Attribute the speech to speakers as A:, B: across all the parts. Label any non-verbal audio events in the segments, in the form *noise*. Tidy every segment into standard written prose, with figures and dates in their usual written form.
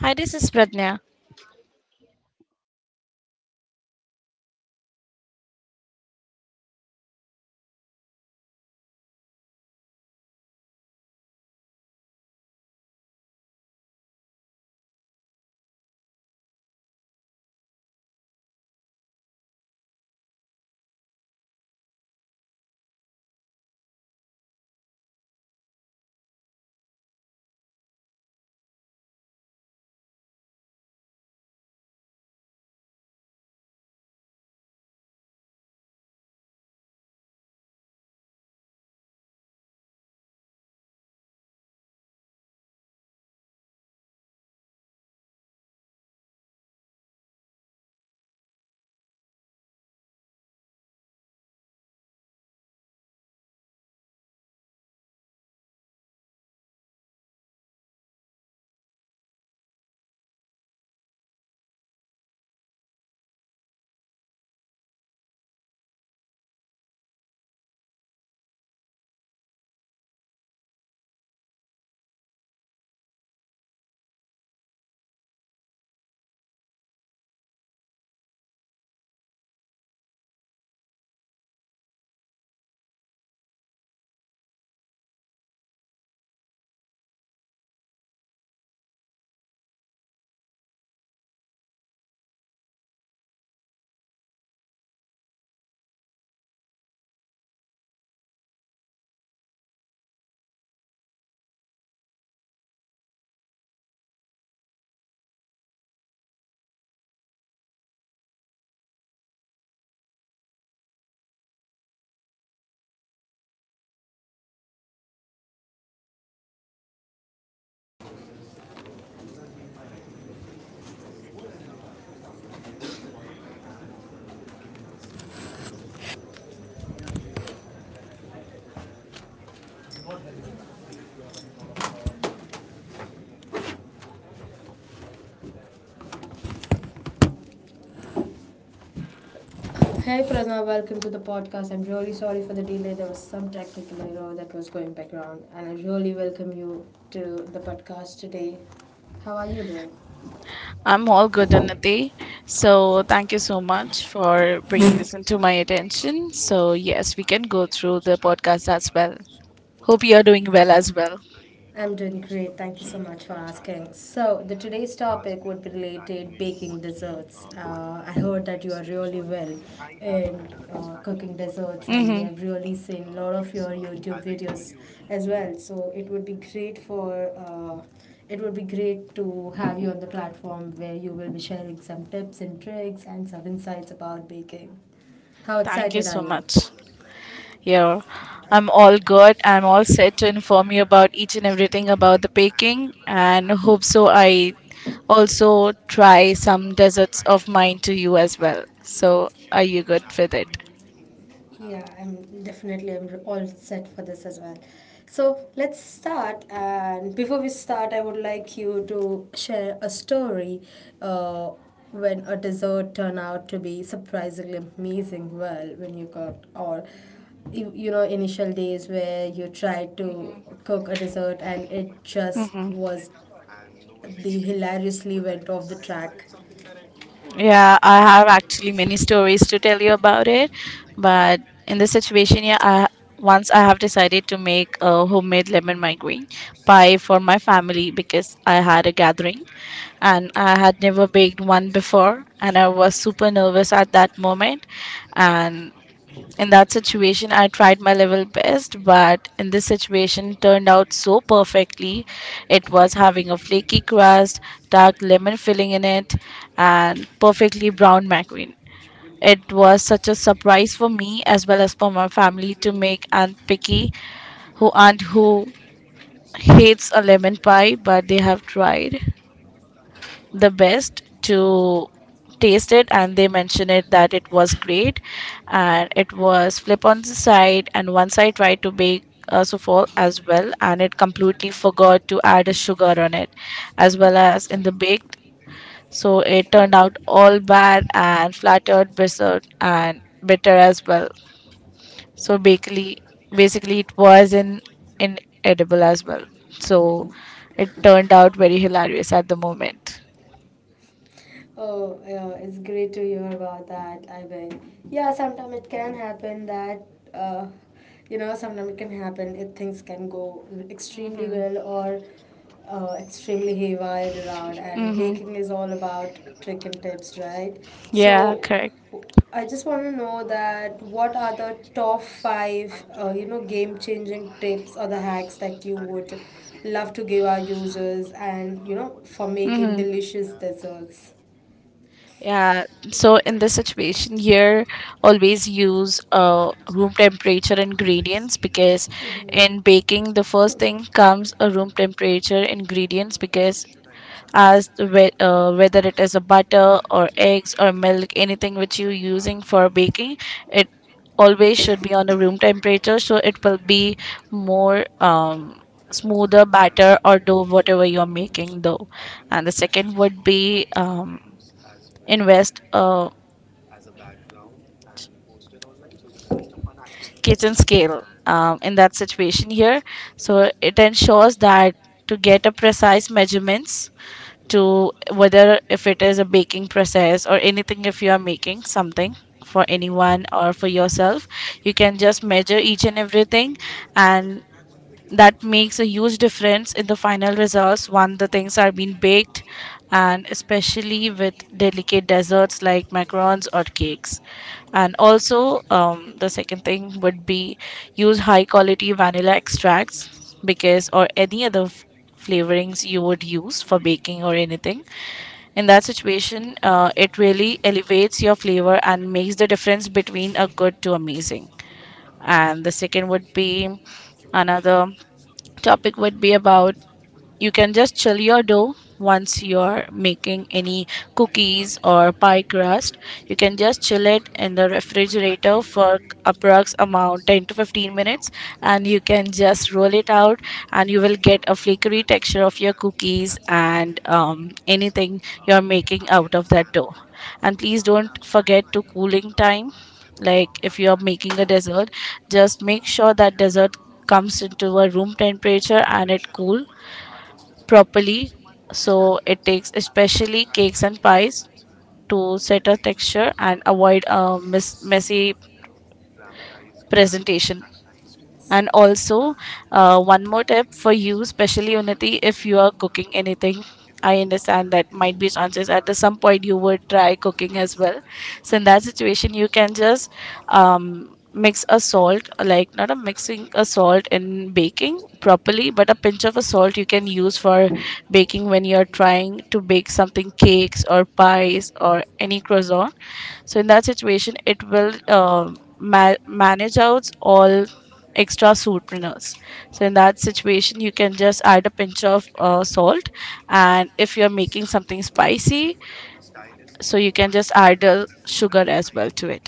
A: Hi, this is Pradnya.
B: Hey Prasna, welcome to the podcast. I'm really sorry for the delay. There was some technical error that was going background, and I really welcome you to the podcast today. How are you doing?
A: I'm all good, Unnati. So, thank you so much for bringing this into my attention. So, yes, we can go through the podcast as well. Hope you're doing well as well.
B: I'm doing great. Thank you so much for asking. So, the today's topic would be related baking desserts. I heard that you are really well in cooking desserts, and we
A: Mm-hmm.
B: have really seen a lot of your YouTube videos as well. So, it would be great to have you on the platform where you will be sharing some tips and tricks and some insights about baking. How
A: Thank you
B: excited are
A: so
B: you?
A: much. Yeah, I'm all good. I'm all set to inform you about each and everything about the baking, and hope so. I also try some desserts of mine to you as well. So, are you good with it?
B: Yeah, I'm definitely, I'm all set for this as well. So let's start. And before we start, I would like you to share a story uh, when a dessert turned out to be surprisingly amazing. Well, when you got, or you know initial days where you tried to cook a dessert and it just
A: hmm
B: was the hilariously went off the track.
A: Yeah, I have actually many stories to tell you about it, but in this situation, yeah, I once I have decided to make a homemade lemon migraine pie for my family because I had a gathering, and I had never baked one before, and I was super nervous at that moment. And in that situation I tried my level best, but in this situation turned out so perfectly. It was having a flaky crust, dark lemon filling in it, and perfectly brown macaron. It was such a surprise for me as well as for my family to make aunt picky, who hates a lemon pie, but they have tried the best to taste it, and they mentioned it that it was great. And it was flip on the side. And once I tried to bake a souffle as well, and it completely forgot to add a sugar on it, as well as in the baked, so it turned out all bad and flattered bitter and bitter as well. So basically it was in inedible as well. So it turned out very hilarious at the moment.
B: Oh, yeah, it's great to hear about that, I bet. Yeah, sometimes it can happen uh, sometimes it can happen if things can go extremely
A: Hmm
B: well or extremely haywire around. And
A: Mm-hmm.
B: baking is all about trick and tips, right?
A: Yeah,
B: So,
A: correct.
B: I just want to know that what are the top five, game-changing tips or the hacks that you would love to give our users, and, for making
A: Mm-hmm.
B: delicious desserts.
A: Yeah. So in this situation here, always use room temperature ingredients, because in baking, the first thing comes a room temperature ingredients, because as to whether it is a butter or eggs or milk, anything which you're using for baking, it always should be
B: *coughs*
A: on a room temperature, so it will be more smoother batter or dough, whatever you're making dough. And the second would be invest a
B: Kitchen
A: kitchen
B: scape.
A: scale, in that situation here. So it ensures that to get a precise measurements, to whether if it is a baking process or anything, if you are making something for anyone or for yourself, you can just measure each and everything. And that makes a huge difference in the final results when the things are being baked, and especially with delicate desserts
B: And
A: like
B: also, the
A: macarons or
B: second
A: cakes.
B: thing
A: And
B: would
A: also, the second thing would be
B: be
A: use high
B: use high
A: quality
B: quality
A: vanilla
B: vanilla extracts
A: extracts, because or
B: because
A: any other
B: any other
A: flavorings you
B: flavorings
A: would
B: you would
A: use for
B: use for
A: baking or
B: making or
A: anything.
B: anything,
A: In that
B: in that
A: situation,
B: situation
A: it
B: it
A: really
B: really
A: elevates your
B: eliminates your
A: flavor
B: flavor
A: and
B: and
A: makes the
B: makes the
A: difference
B: difference
A: between a
B: between
A: good
B: a
A: to
B: good to
A: amazing.
B: decent.
A: And the
B: And the
A: second would
B: second would
A: be
B: be
A: another
B: another.
A: topic would
B: Something
A: be
B: would be
A: about
B: about
A: you can
B: you
A: just
B: can
A: chill
B: just
A: your
B: chill your
A: dough once
B: nose.
A: you're
B: You
A: making any
B: can just
A: cookies or pie crust. You can
B: chill it
A: just
B: in
A: chill it in the
B: the
A: refrigerator
B: refrigerator
A: for
B: for
A: approx amount 10
B: about
A: to 15
B: 20
A: minutes,
B: minutes, and you
A: and you can
B: can
A: just roll
B: just
A: it
B: run
A: out,
B: it out,
A: and you will
B: and you
A: get
B: will
A: a
B: get a
A: flaky
B: firmer
A: texture of your
B: texture of your
A: cookies,
B: cookies.
A: and
B: And
A: anything
B: anything
A: you're
B: you're
A: making out
B: making
A: of that
B: after
A: dough.
B: that.
A: And please
B: And
A: don't
B: please don't
A: forget to
B: forget to
A: cooling
B: cook in
A: time.
B: time.
A: Like if
B: Like
A: you are
B: if you're
A: making a
B: making a
A: dessert, just
B: dessert, just
A: make sure
B: make
A: that dessert comes into
B: cooks
A: a
B: to the
A: room
B: right
A: temperature and
B: temperature.
A: it cool properly. So it takes especially cakes and pies to set a texture and avoid a messy presentation. And also, one more tip for you, especially Unity, if you are cooking anything. I understand that might be chances at the some point you would try cooking as well. So in that situation, you can just mix a salt, like not a mixing a salt in baking properly, but a pinch of a salt you can use for baking when you're trying to bake something cakes or pies or any croissant. So in that situation, it will manage out all extra sweeteners. So in that situation, you can just add a pinch of salt, and if you're making something spicy, so you can just add sugar as well to it.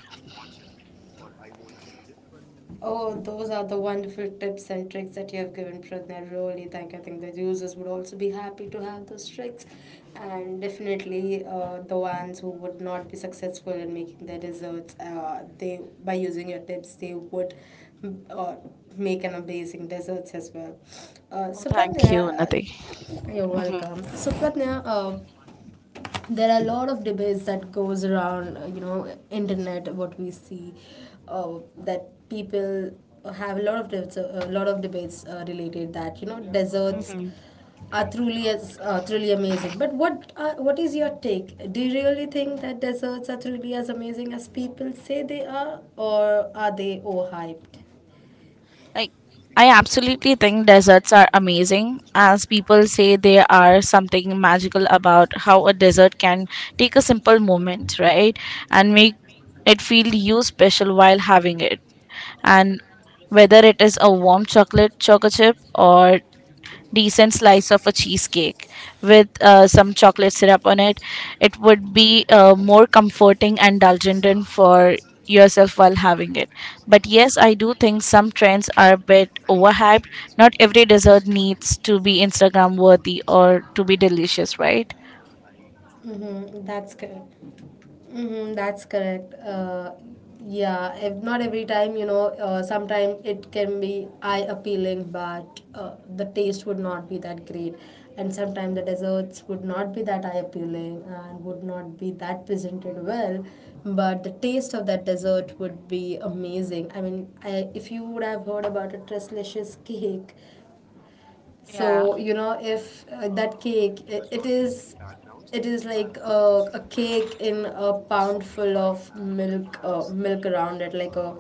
B: Oh, those are the wonderful tips and tricks that you have given, Pragna. Really, thank you. I think the users would also be happy to have those tricks, and definitely the ones who would not be successful in making their desserts, they by using your tips, they would mm, uh, make an amazing desserts as well. Uh,
A: Oh,
B: so,
A: thank you,
B: Pragna,
A: Nati.
B: you're
A: hmm
B: welcome. So, Pratna, there are a lot of debates that goes around you know internet what we see that people have a lot of debates, a lot of debates related that you know desserts
A: hmm
B: are truly amazing, but what is your take? Do you really think that desserts are truly as amazing as people say they are, or are they overhyped?
A: Like, I absolutely think deserts are amazing, as people say they are something magical about how a desert can take a simple moment, right? And make it feel you special while having it. And whether it is a warm chocolate choco chip or decent slice of a cheesecake with some chocolate syrup on it, it would be more comforting and indulgent in for yourself while having it. But yes, I do think some trends are a bit overhyped. Not every dessert needs to be Instagram worthy or to be delicious, right?
B: Mm-hmm, that's correct. Mm-hmm, that's correct. Yeah, if not every time, sometimes it can be eye appealing, but the taste would not be that great. And sometimes the desserts would not be that eye appealing and would not be that presented well, but the taste of that dessert would be amazing. I mean, if you would have heard about a Tresslicious cake,
A: Yeah.
B: so you know, if that cake, it is like a cake in a pound full of milk, milk around it, like a,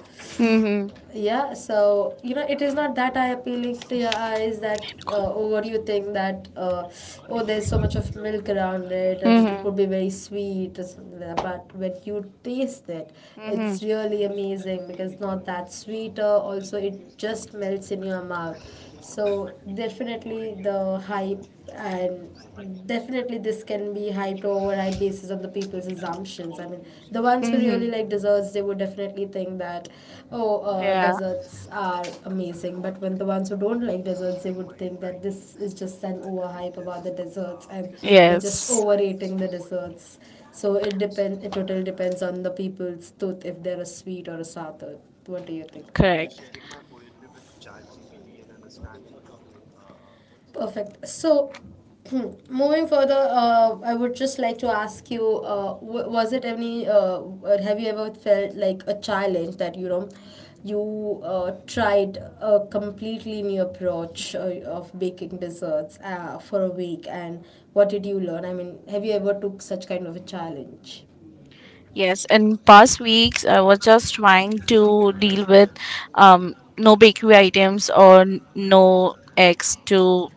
B: yeah, so you know it is not that eye appealing to your eyes, that oh, what do you think, that oh, there's so much of milk around it and it
A: Mhm.
B: would be very sweet or something like that, but when you taste it,
A: Mhm.
B: it's really amazing because it's not that sweeter, also it just melts in your mouth. So definitely the hype and, definitely, this can be hyped, over hyped, basis on the people's assumptions. I mean, the ones who really
A: Mhm.
B: like desserts, they would definitely think that, oh,
A: Yeah.
B: desserts are amazing. But when the ones who don't like desserts, they would think that this is just an overhype about the desserts and they're just
A: Yes.
B: overrating the desserts. So it depends. It totally depends on the people's tooth if they're a sweet or a sour tooth. What do you think about it?
A: Correct.
B: Perfect. So, *clears throat* moving further, I would just like to ask you, was it any, have you ever felt like a challenge that, you know, you tried a completely new approach of baking desserts for a week, and what did you learn? I mean, have you ever took such kind of a challenge?
A: Yes, in past weeks, I was just trying to deal with no bakery items or no eggs to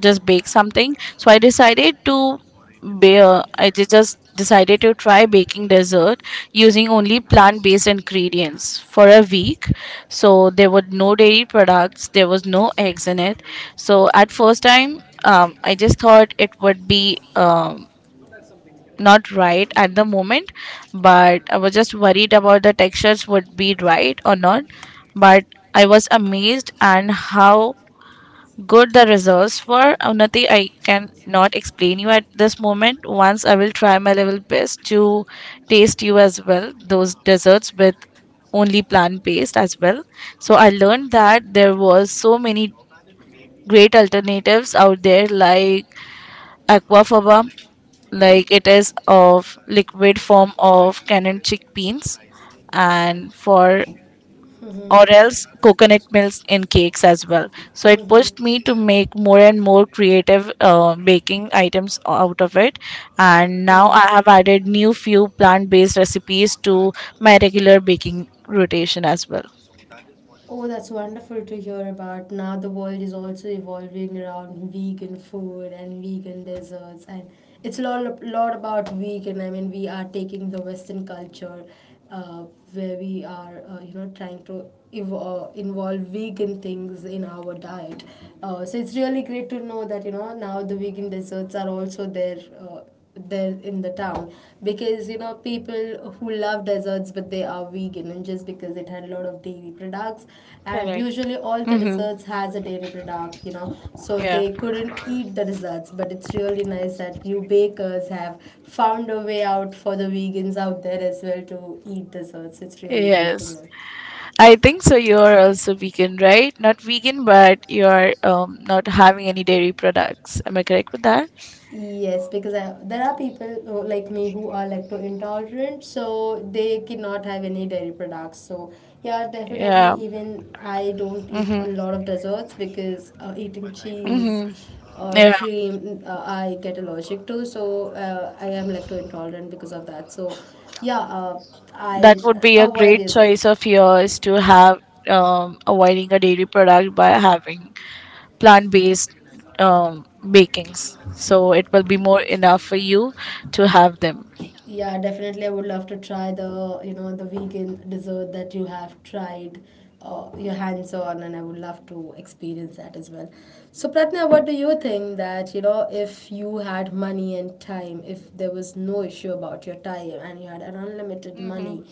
A: just bake something. So I decided to bear, just decided to try baking dessert using only plant-based ingredients for a week. So there were no dairy products, there was no eggs in it. So at first time, I just thought it would be not right at the moment, but I was just worried about the textures would be right or not. But I was amazed and how good the results were. Unnati, I can not explain you at this moment. Once I will try my level best to taste you as well those desserts with only plant based as well. So I learned that there was so many great alternatives out there like aquafaba, like it is of liquid form of canned chickpeas and for
B: Mmhmm.
A: or else coconut milk in cakes as well. So it
B: Mmhmm.
A: pushed me to make more and more creative baking items out of it, and now
B: Mmhmm.
A: I have added new few plant-based recipes to my regular baking rotation as well.
B: Oh, that's wonderful to hear about. Now the world is also evolving around vegan food and vegan desserts, and it's a lot, lot about vegan. I mean, we are taking the Western culture, uh, where we are, you know, trying to involve vegan things in our diet. So it's really great to know that you know now the vegan desserts are also there. Uh, there in the town, because you know people who love desserts but they are vegan, and just because it had a lot of dairy products, and
A: Correct.
B: usually all the
A: Mm-hmm.
B: desserts has a dairy product, you know, so
A: Yeah.
B: they couldn't eat the desserts, but it's really nice that you bakers have found a way out for the vegans out there as well to eat desserts. It's really great
A: Yes.
B: to know.
A: I think so. You're also vegan, right? Not vegan, but you're not having any dairy products. Am I correct with that?
B: Yes, because there are people who, like me, who are lacto intolerant, so they cannot have any dairy products. So yeah, definitely.
A: Yeah.
B: Even I don't eat
A: Mm-hmm.
B: a lot of desserts because eating cheese
A: Mm-hmm.
B: or
A: Yeah.
B: cream I get allergic to. So I am lacto intolerant because of that. So yeah,
A: That
B: I
A: would be a
B: avoid
A: great
B: using.
A: choice of yours to have avoiding a dairy product by having plant based um, bakings. So it will be more enough for you to have them.
B: Yeah, definitely. I would love to try the, you know, the vegan dessert that you have tried your hands on, and I would love to experience that as well. So, Pratna, what do you think that, you know, if you had money and time, if there was no issue about your time and you had an unlimited
A: Mm-hmm.
B: money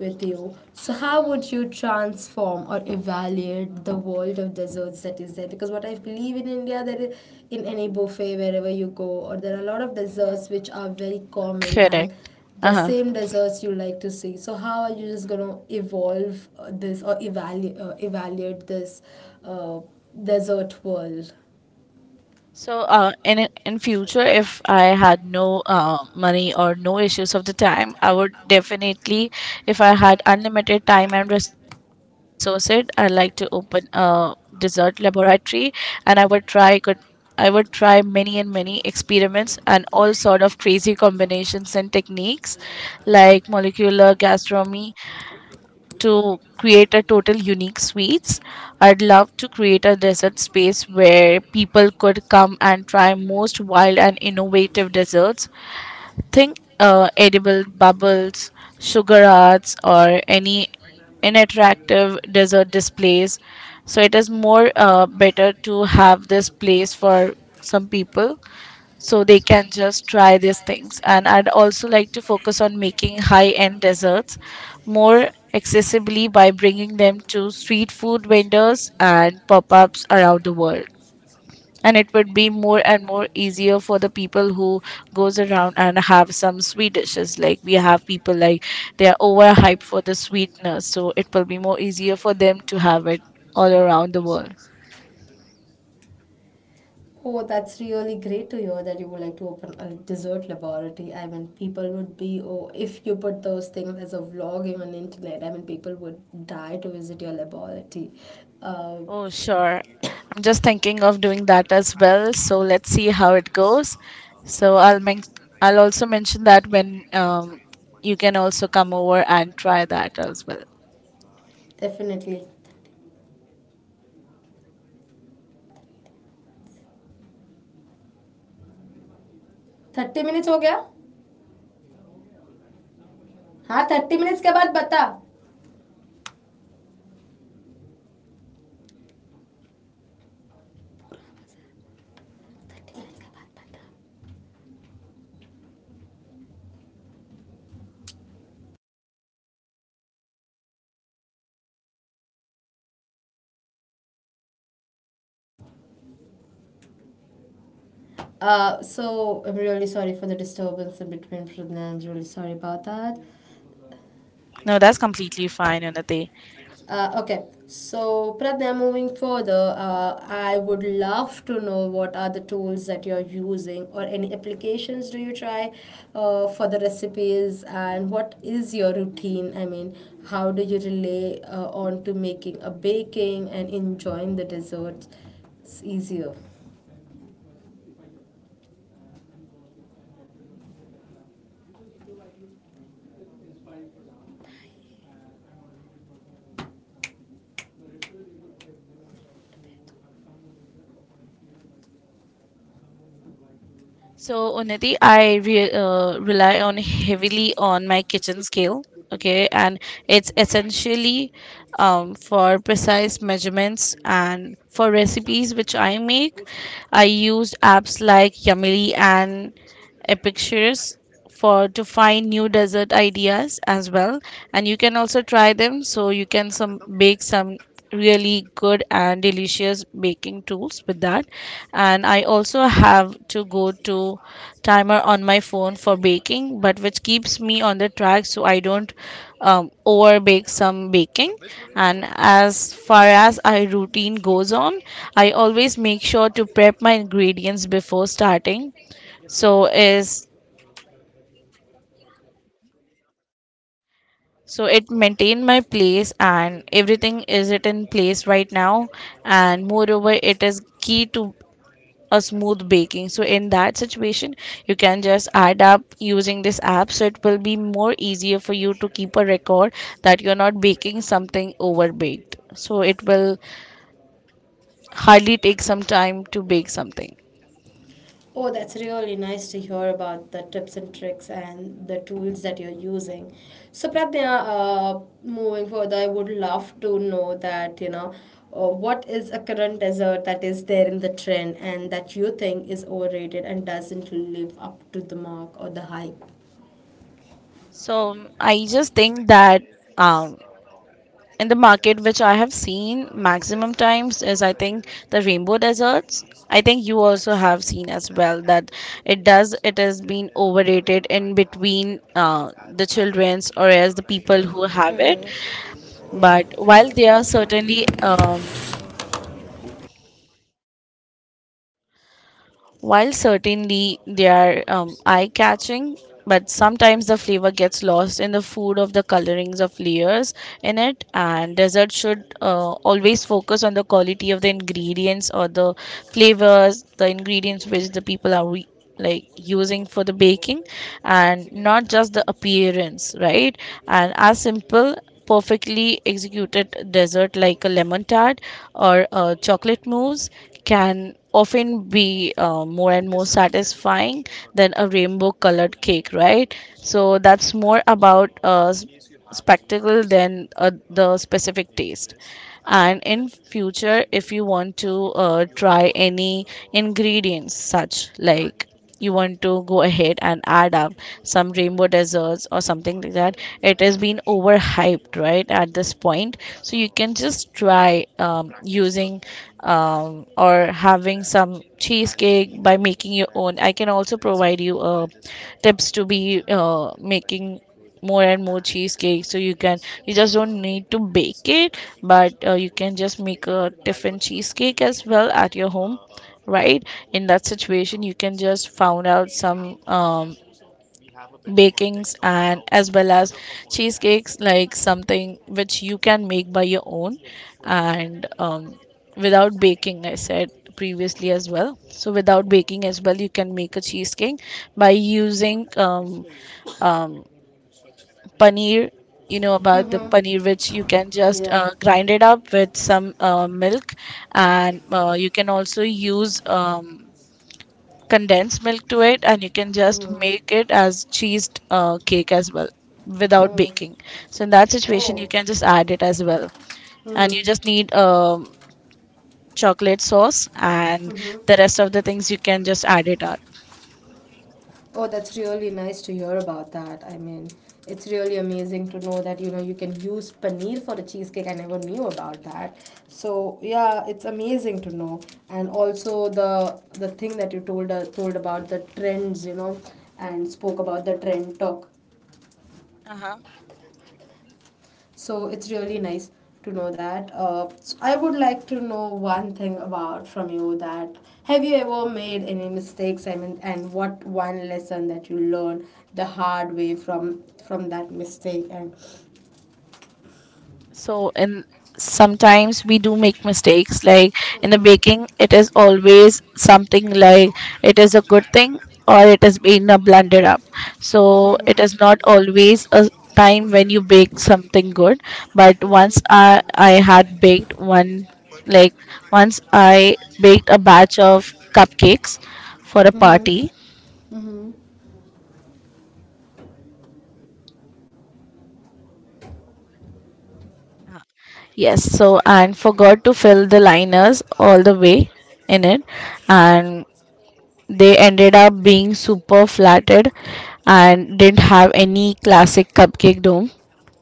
B: with you. So, how would you transform or evaluate the world of desserts that is there? Because what I believe in India, there is, in any buffet, wherever you go, or there are a lot of
A: Mm-hmm.
B: desserts which are very common
A: Correct.
B: and
A: Uh
B: the
A: huh.
B: same desserts you like to see. So, how are you just going to evolve this, or evaluate this uh, desert world?
A: So, in future, if I had no money or no issues of the time, I would definitely, if I had unlimited time and resources, I'd like to open a dessert laboratory, and I would try many and many experiments and all sort of crazy combinations and techniques, like molecular gastronomy to create a total unique suites. I'd love to create a desert space where people could come and try most wild and innovative desserts. Think edible bubbles, sugar arts, or any inattractive dessert displays. So it is more better to have this place for some people so they can just try these things. And I'd also like to focus on making high end desserts more accessibly by bringing them to street food vendors and pop-ups around the world, and it would be more and more easier for the people who goes around and have some sweet dishes. Like we have people like they are overhyped for the sweetness, so it will be more easier for them to have it all around the world.
B: Oh, that's really great to hear that you would like to open a dessert laboratory. I mean, people would be, oh, if you put those things as a vlogging on internet, I mean, people would die to visit your laboratory. Uh,
A: Oh, sure. I'm just thinking of doing that as well. So let's see how it goes. So I'll also mention that when you can also come over and try that as well.
B: Definitely. 30 minutes हो गया? हाँ, 30 minutes के बाद बता. So I'm really sorry for the disturbance in between, Pradna. I'm really sorry about that.
A: No, that's completely fine, Unnati.
B: Okay, so Pradnya, moving further, I would love to know what are the tools that you're using, or any applications do you try for the recipes, and what is your routine? I mean, how do you relay on to making a baking and enjoying the desserts? It's easier.
A: So Unnati, I rely on heavily on my kitchen scale. Okay, and it's essentially for precise measurements and for recipes which I make. I use apps like Yamili and epicures for to find new dessert ideas as well, and you can also try them, so you can some bake some really good and delicious baking tools with that. And I also have to go to timer on my phone for baking, but which keeps me on the track, so I don't over bake some baking. And as far as our routine goes on, I always make sure to prep my ingredients before starting, so is so it maintain my place and everything is it in place right now. And moreover it is key to a smooth baking. So in that situation, you can just add up using this app, so it will be more easier for you to keep a record that you're not baking something over baked, so it will hardly take some time to bake something.
B: Oh, that's really nice to hear about the tips and tricks and the tools that you're using. So, Pratnya, moving further, I would love to know that, you know, what is a current dessert that is there in the trend and that you think is overrated and doesn't live up to the mark or the hype?
A: So I just think that um, in the market which I have seen maximum times is I think the rainbow deserts. I think you also have seen as well that it does it has been overrated in between the children's or as the people who have it. But
B: Yeah.
A: while they are certainly while certainly they are eye catching, but sometimes the flavor gets lost in the food of the colorings of layers in it, and dessert should always focus on the quality of the ingredients or the flavors, the ingredients which the people are like using for the baking and not just the appearance, right? And as simple perfectly executed dessert like a lemon tart or a chocolate mousse can often be more and more satisfying than a rainbow colored cake, right? So that's more about spectacle than the specific taste. And in future, if you want to try any ingredients such like, you want to go ahead and add up some rainbow desserts or something like that, it has been overhyped right at this point. So you can just try using or having some cheesecake by making your own. I can also provide you tips to be making more and more cheesecake, so you can, you just don't need to bake it, but you can just make a different cheesecake as well at your home, right? In that situation, you can just found out some bakings and as well as cheesecakes, like something which you can make by your own. And without baking, I said previously as well, so without baking as well, you can make a cheesecake by using um, paneer. You know about the
B: Mm-hmm.
A: paneer, which you can just
B: Yeah.
A: grind it up with some milk, and you can also use condensed milk to it, and you can just make
B: Mm-hmm.
A: it as cheesed cake as well without
B: Mm-hmm.
A: baking. So in that situation, you
B: Oh.
A: can just add it as well. And you just
B: Mm-hmm.
A: need chocolate sauce, and
B: Mm-hmm.
A: the rest of the things you can just add it up.
B: Oh, that's really nice to hear about that. I mean, it's really amazing to know that you know you can use paneer for a cheesecake. I never knew about that. So yeah, it's amazing to know. And also the thing that you told, told about the trends, you know, and spoke about the trend talk.
A: Uh-huh.
B: So it's really nice to know that. So I would like to know one thing about from you, that have you ever made any mistakes? I mean, and what one lesson that you learned the hard way from that mistake? And
A: So in, sometimes we do make mistakes, like in the baking, it is always something like it is a good thing or it has been a blunder up. So it is not always a time when you bake something good, but once I had baked one, like once I baked a batch of cupcakes for a
B: hmm.
A: party.
B: Hmm.
A: Yes, so and forgot to fill the liners all the way in it, and they ended up being super flatted and didn't have any classic cupcake dome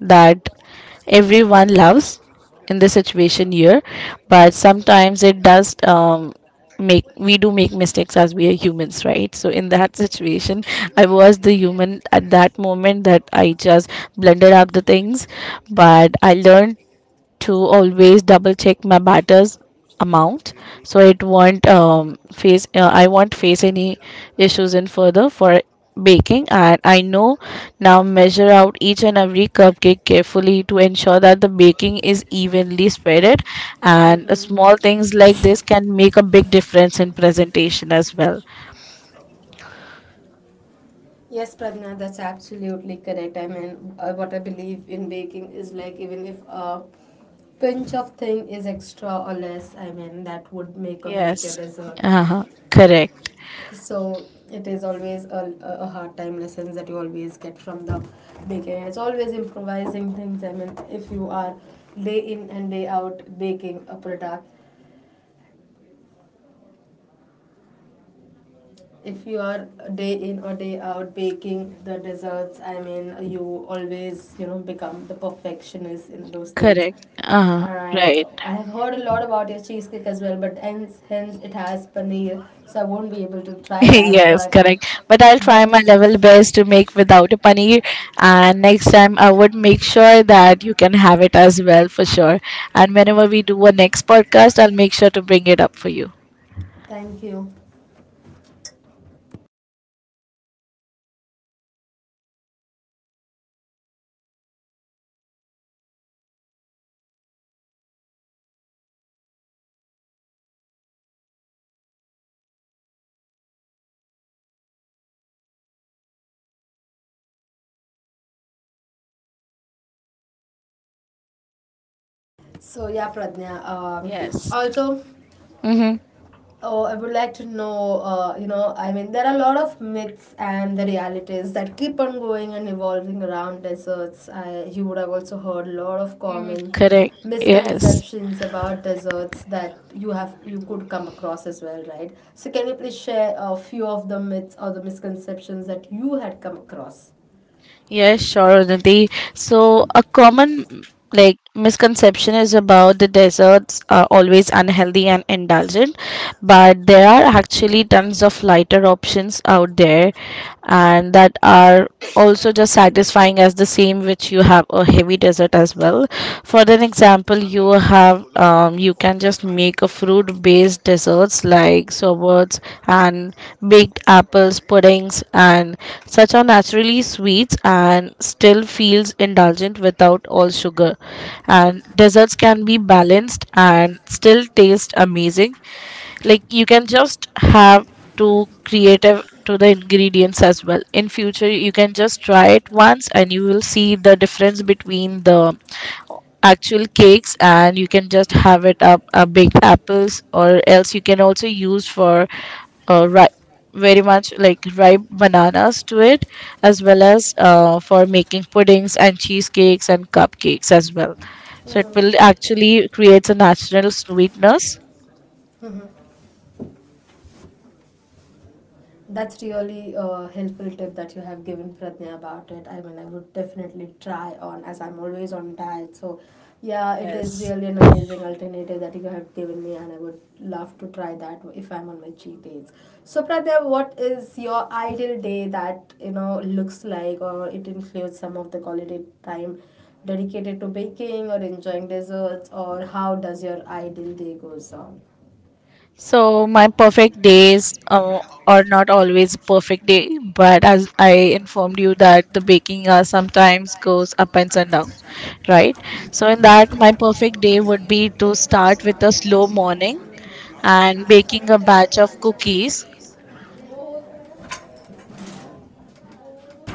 A: that everyone loves in this situation here. But sometimes it does make we do make mistakes as we are humans, right? So in that situation, I was the human at that moment that I just blended up the things, but I learned to always double check my batter's amount, so it won't face I won't face any issues in further for baking. And I know now measure out each and every cupcake carefully to ensure that the baking is evenly spreaded, and small things like this can make a big difference in presentation as well.
B: Yes, Pradna, that's absolutely correct. I mean, what I believe in baking is, like, even if a pinch of thing is extra or less, I mean, that would make or break your
A: Yes.
B: dessert.
A: Uh-huh. Correct.
B: So it is always a hard time lessons that you always get from the baking. It's always improvising things. I mean, if you are day in and day out baking a product, if you are day in or day out baking the desserts, I mean, you always, you know, become the perfectionist in those things.
A: Correct. Uh-huh.
B: And
A: Right.
B: I have heard a lot about your cheesecake as well, but hence it has paneer, so I won't be able to
A: *laughs*
B: try that.
A: Yes, correct. But I'll try
B: But,
A: my level best to make without a paneer, and next time I would make sure that you can have it as well for sure. And whenever we do a next podcast, I'll make sure to bring it up for you.
B: thank you. So yeah, Pradnya.
A: Yes.
B: Also,
A: Mm-hmm.
B: oh, I would like to know. You know, I mean, there are a lot of myths and the realities that keep on going and evolving around deserts. You would have also heard a lot of
A: Mm,
B: common
A: correct. Yes.
B: misconceptions about deserts that you have, you could come across as well, right? So can you please share a few of the myths or the misconceptions that you had come across?
A: Yes, sure, Unnati. So, a common like misconception is about the desserts are always unhealthy and indulgent, but there are actually tons of lighter options out there, and that are also just satisfying as the same which you have a heavy dessert as well. For an example, you have you can just make a fruit based desserts like sorbets and baked apples puddings, and such are naturally sweets and still feels indulgent without all sugar. And desserts can be balanced and still taste amazing, like you can just have to creative to the ingredients as well. In future, you can just try it once and you will see the difference between the actual cakes, and you can just have it up, baked apples, or else you can also use for uh, ri- very much like ripe bananas to it, as well as for making puddings and cheesecakes and cupcakes as well. So it
B: Hmm.
A: will actually creates a natural sweetness.
B: That's really a helpful tip that you have given, Pratnya, about it. I mean, I would definitely try on as I'm always on diet. So, yeah, it is
A: Yes.
B: really an amazing alternative that you have given me, and I would love to try that if I'm on my cheat days. So, Pratnya, what is your ideal day that you know looks like, or it includes some of the quality time dedicated to baking or enjoying desserts, or how does your ideal day goes on?
A: So my perfect days are not always a perfect day, but as I informed you that the baking hour sometimes goes up and down, right? So, in that, my perfect day would be to start with a slow morning and baking a batch of cookies.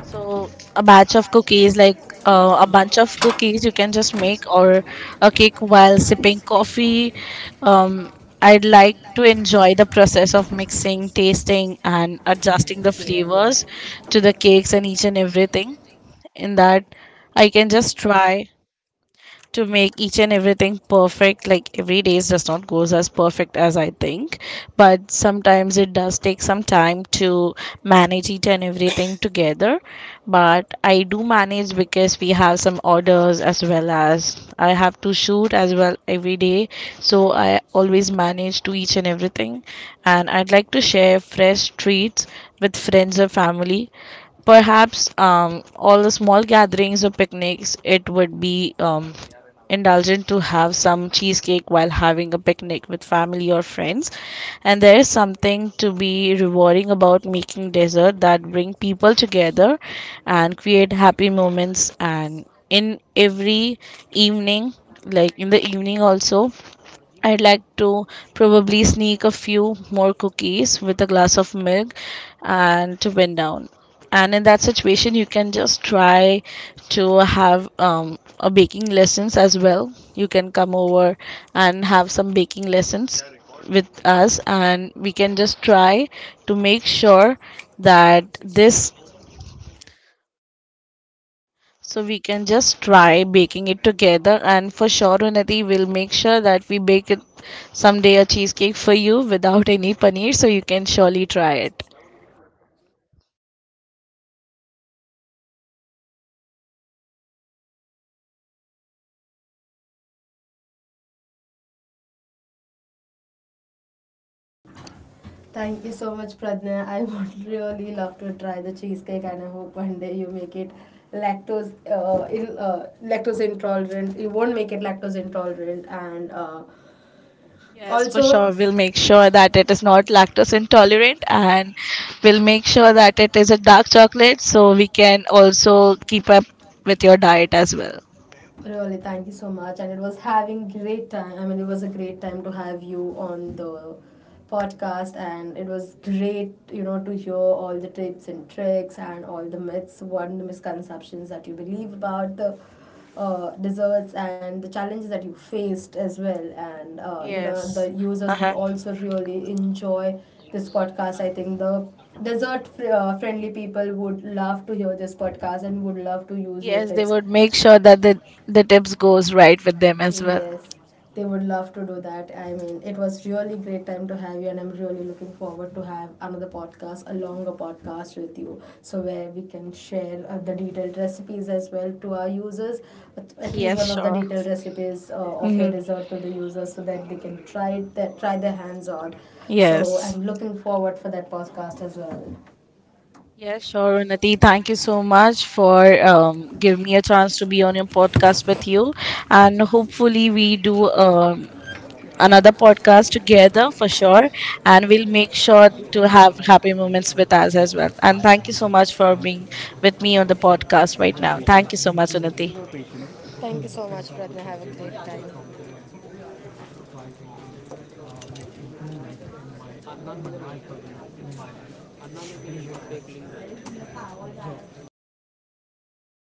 A: So, a batch of cookies, like a bunch of cookies, you can just make, or a cake while sipping coffee. Um, I'd like to enjoy the process of mixing, tasting, and adjusting the flavors to the cakes and each and everything. In that, I can just try to make each and everything perfect, like every day does not goes as perfect as I think, but sometimes it does take some time to manage each and everything together. But I do manage, because we have some orders as well, as I have to shoot as well every day, so I always manage to each and everything. And I'd like to share fresh treats with friends or family, perhaps all the small gatherings or picnics. It would be indulgent to have some cheesecake while having a picnic with family or friends. And there is something to be rewarding about making dessert that bring people together and create happy moments. And in every evening, like in the evening also, I'd like to probably sneak a few more cookies with a glass of milk and to wind down. And in that situation, you can just try to have a baking lessons as well. You can come over and have some baking lessons with us, and we can just try to make sure that this, so we can just try baking it together, and for sure Unnati will make sure that we bake it someday, a cheesecake for you without any paneer, so you can surely try it.
B: Thank you so much, Pradna. *laughs* I would really love to try the cheesecake, and I hope one day you make it lactose, in lactose intolerant. You won't make it lactose intolerant, and
A: Yes, for
B: also.
A: sure we'll make sure that it is not lactose intolerant, and we'll make sure that it is a dark chocolate, so we can also keep up with your diet as well.
B: Really, thank you so much. And it was having great time. I mean, it was a great time to have you on the podcast, and it was great, you know, to hear all the tips and tricks and all the myths, what the misconceptions that you believe about the desserts and the challenges that you faced as well. And you know, the
A: Yes.
B: users would
A: Uh-huh.
B: also really enjoy this podcast. I think the friendly people would love to hear this podcast and would love to use your
A: Yes, they
B: tips.
A: would make sure that the tips goes right with them as well.
B: Yes, they would love to do that. I mean, it was really great time to have you, and I'm really looking forward to have another podcast, a longer podcast with you, so where we can share the detailed recipes as well to our users, at least
A: Yes,
B: one of the
A: sure.
B: detailed recipes of your
A: Hmm.
B: dessert to the users, so that they can try it, their, try their hands on. So
A: Yes.
B: I'm looking forward for that podcast as well.
A: Yeah, sure, Unnati. Thank you so much for giving me a chance to be on your podcast with you. And hopefully, we do another podcast together for sure. And we'll make sure to have happy moments with us as well. And thank you so much for being with me on the podcast right now. Thank you so much, Unnati.
B: Thank you so much, Pratna. Have a great time.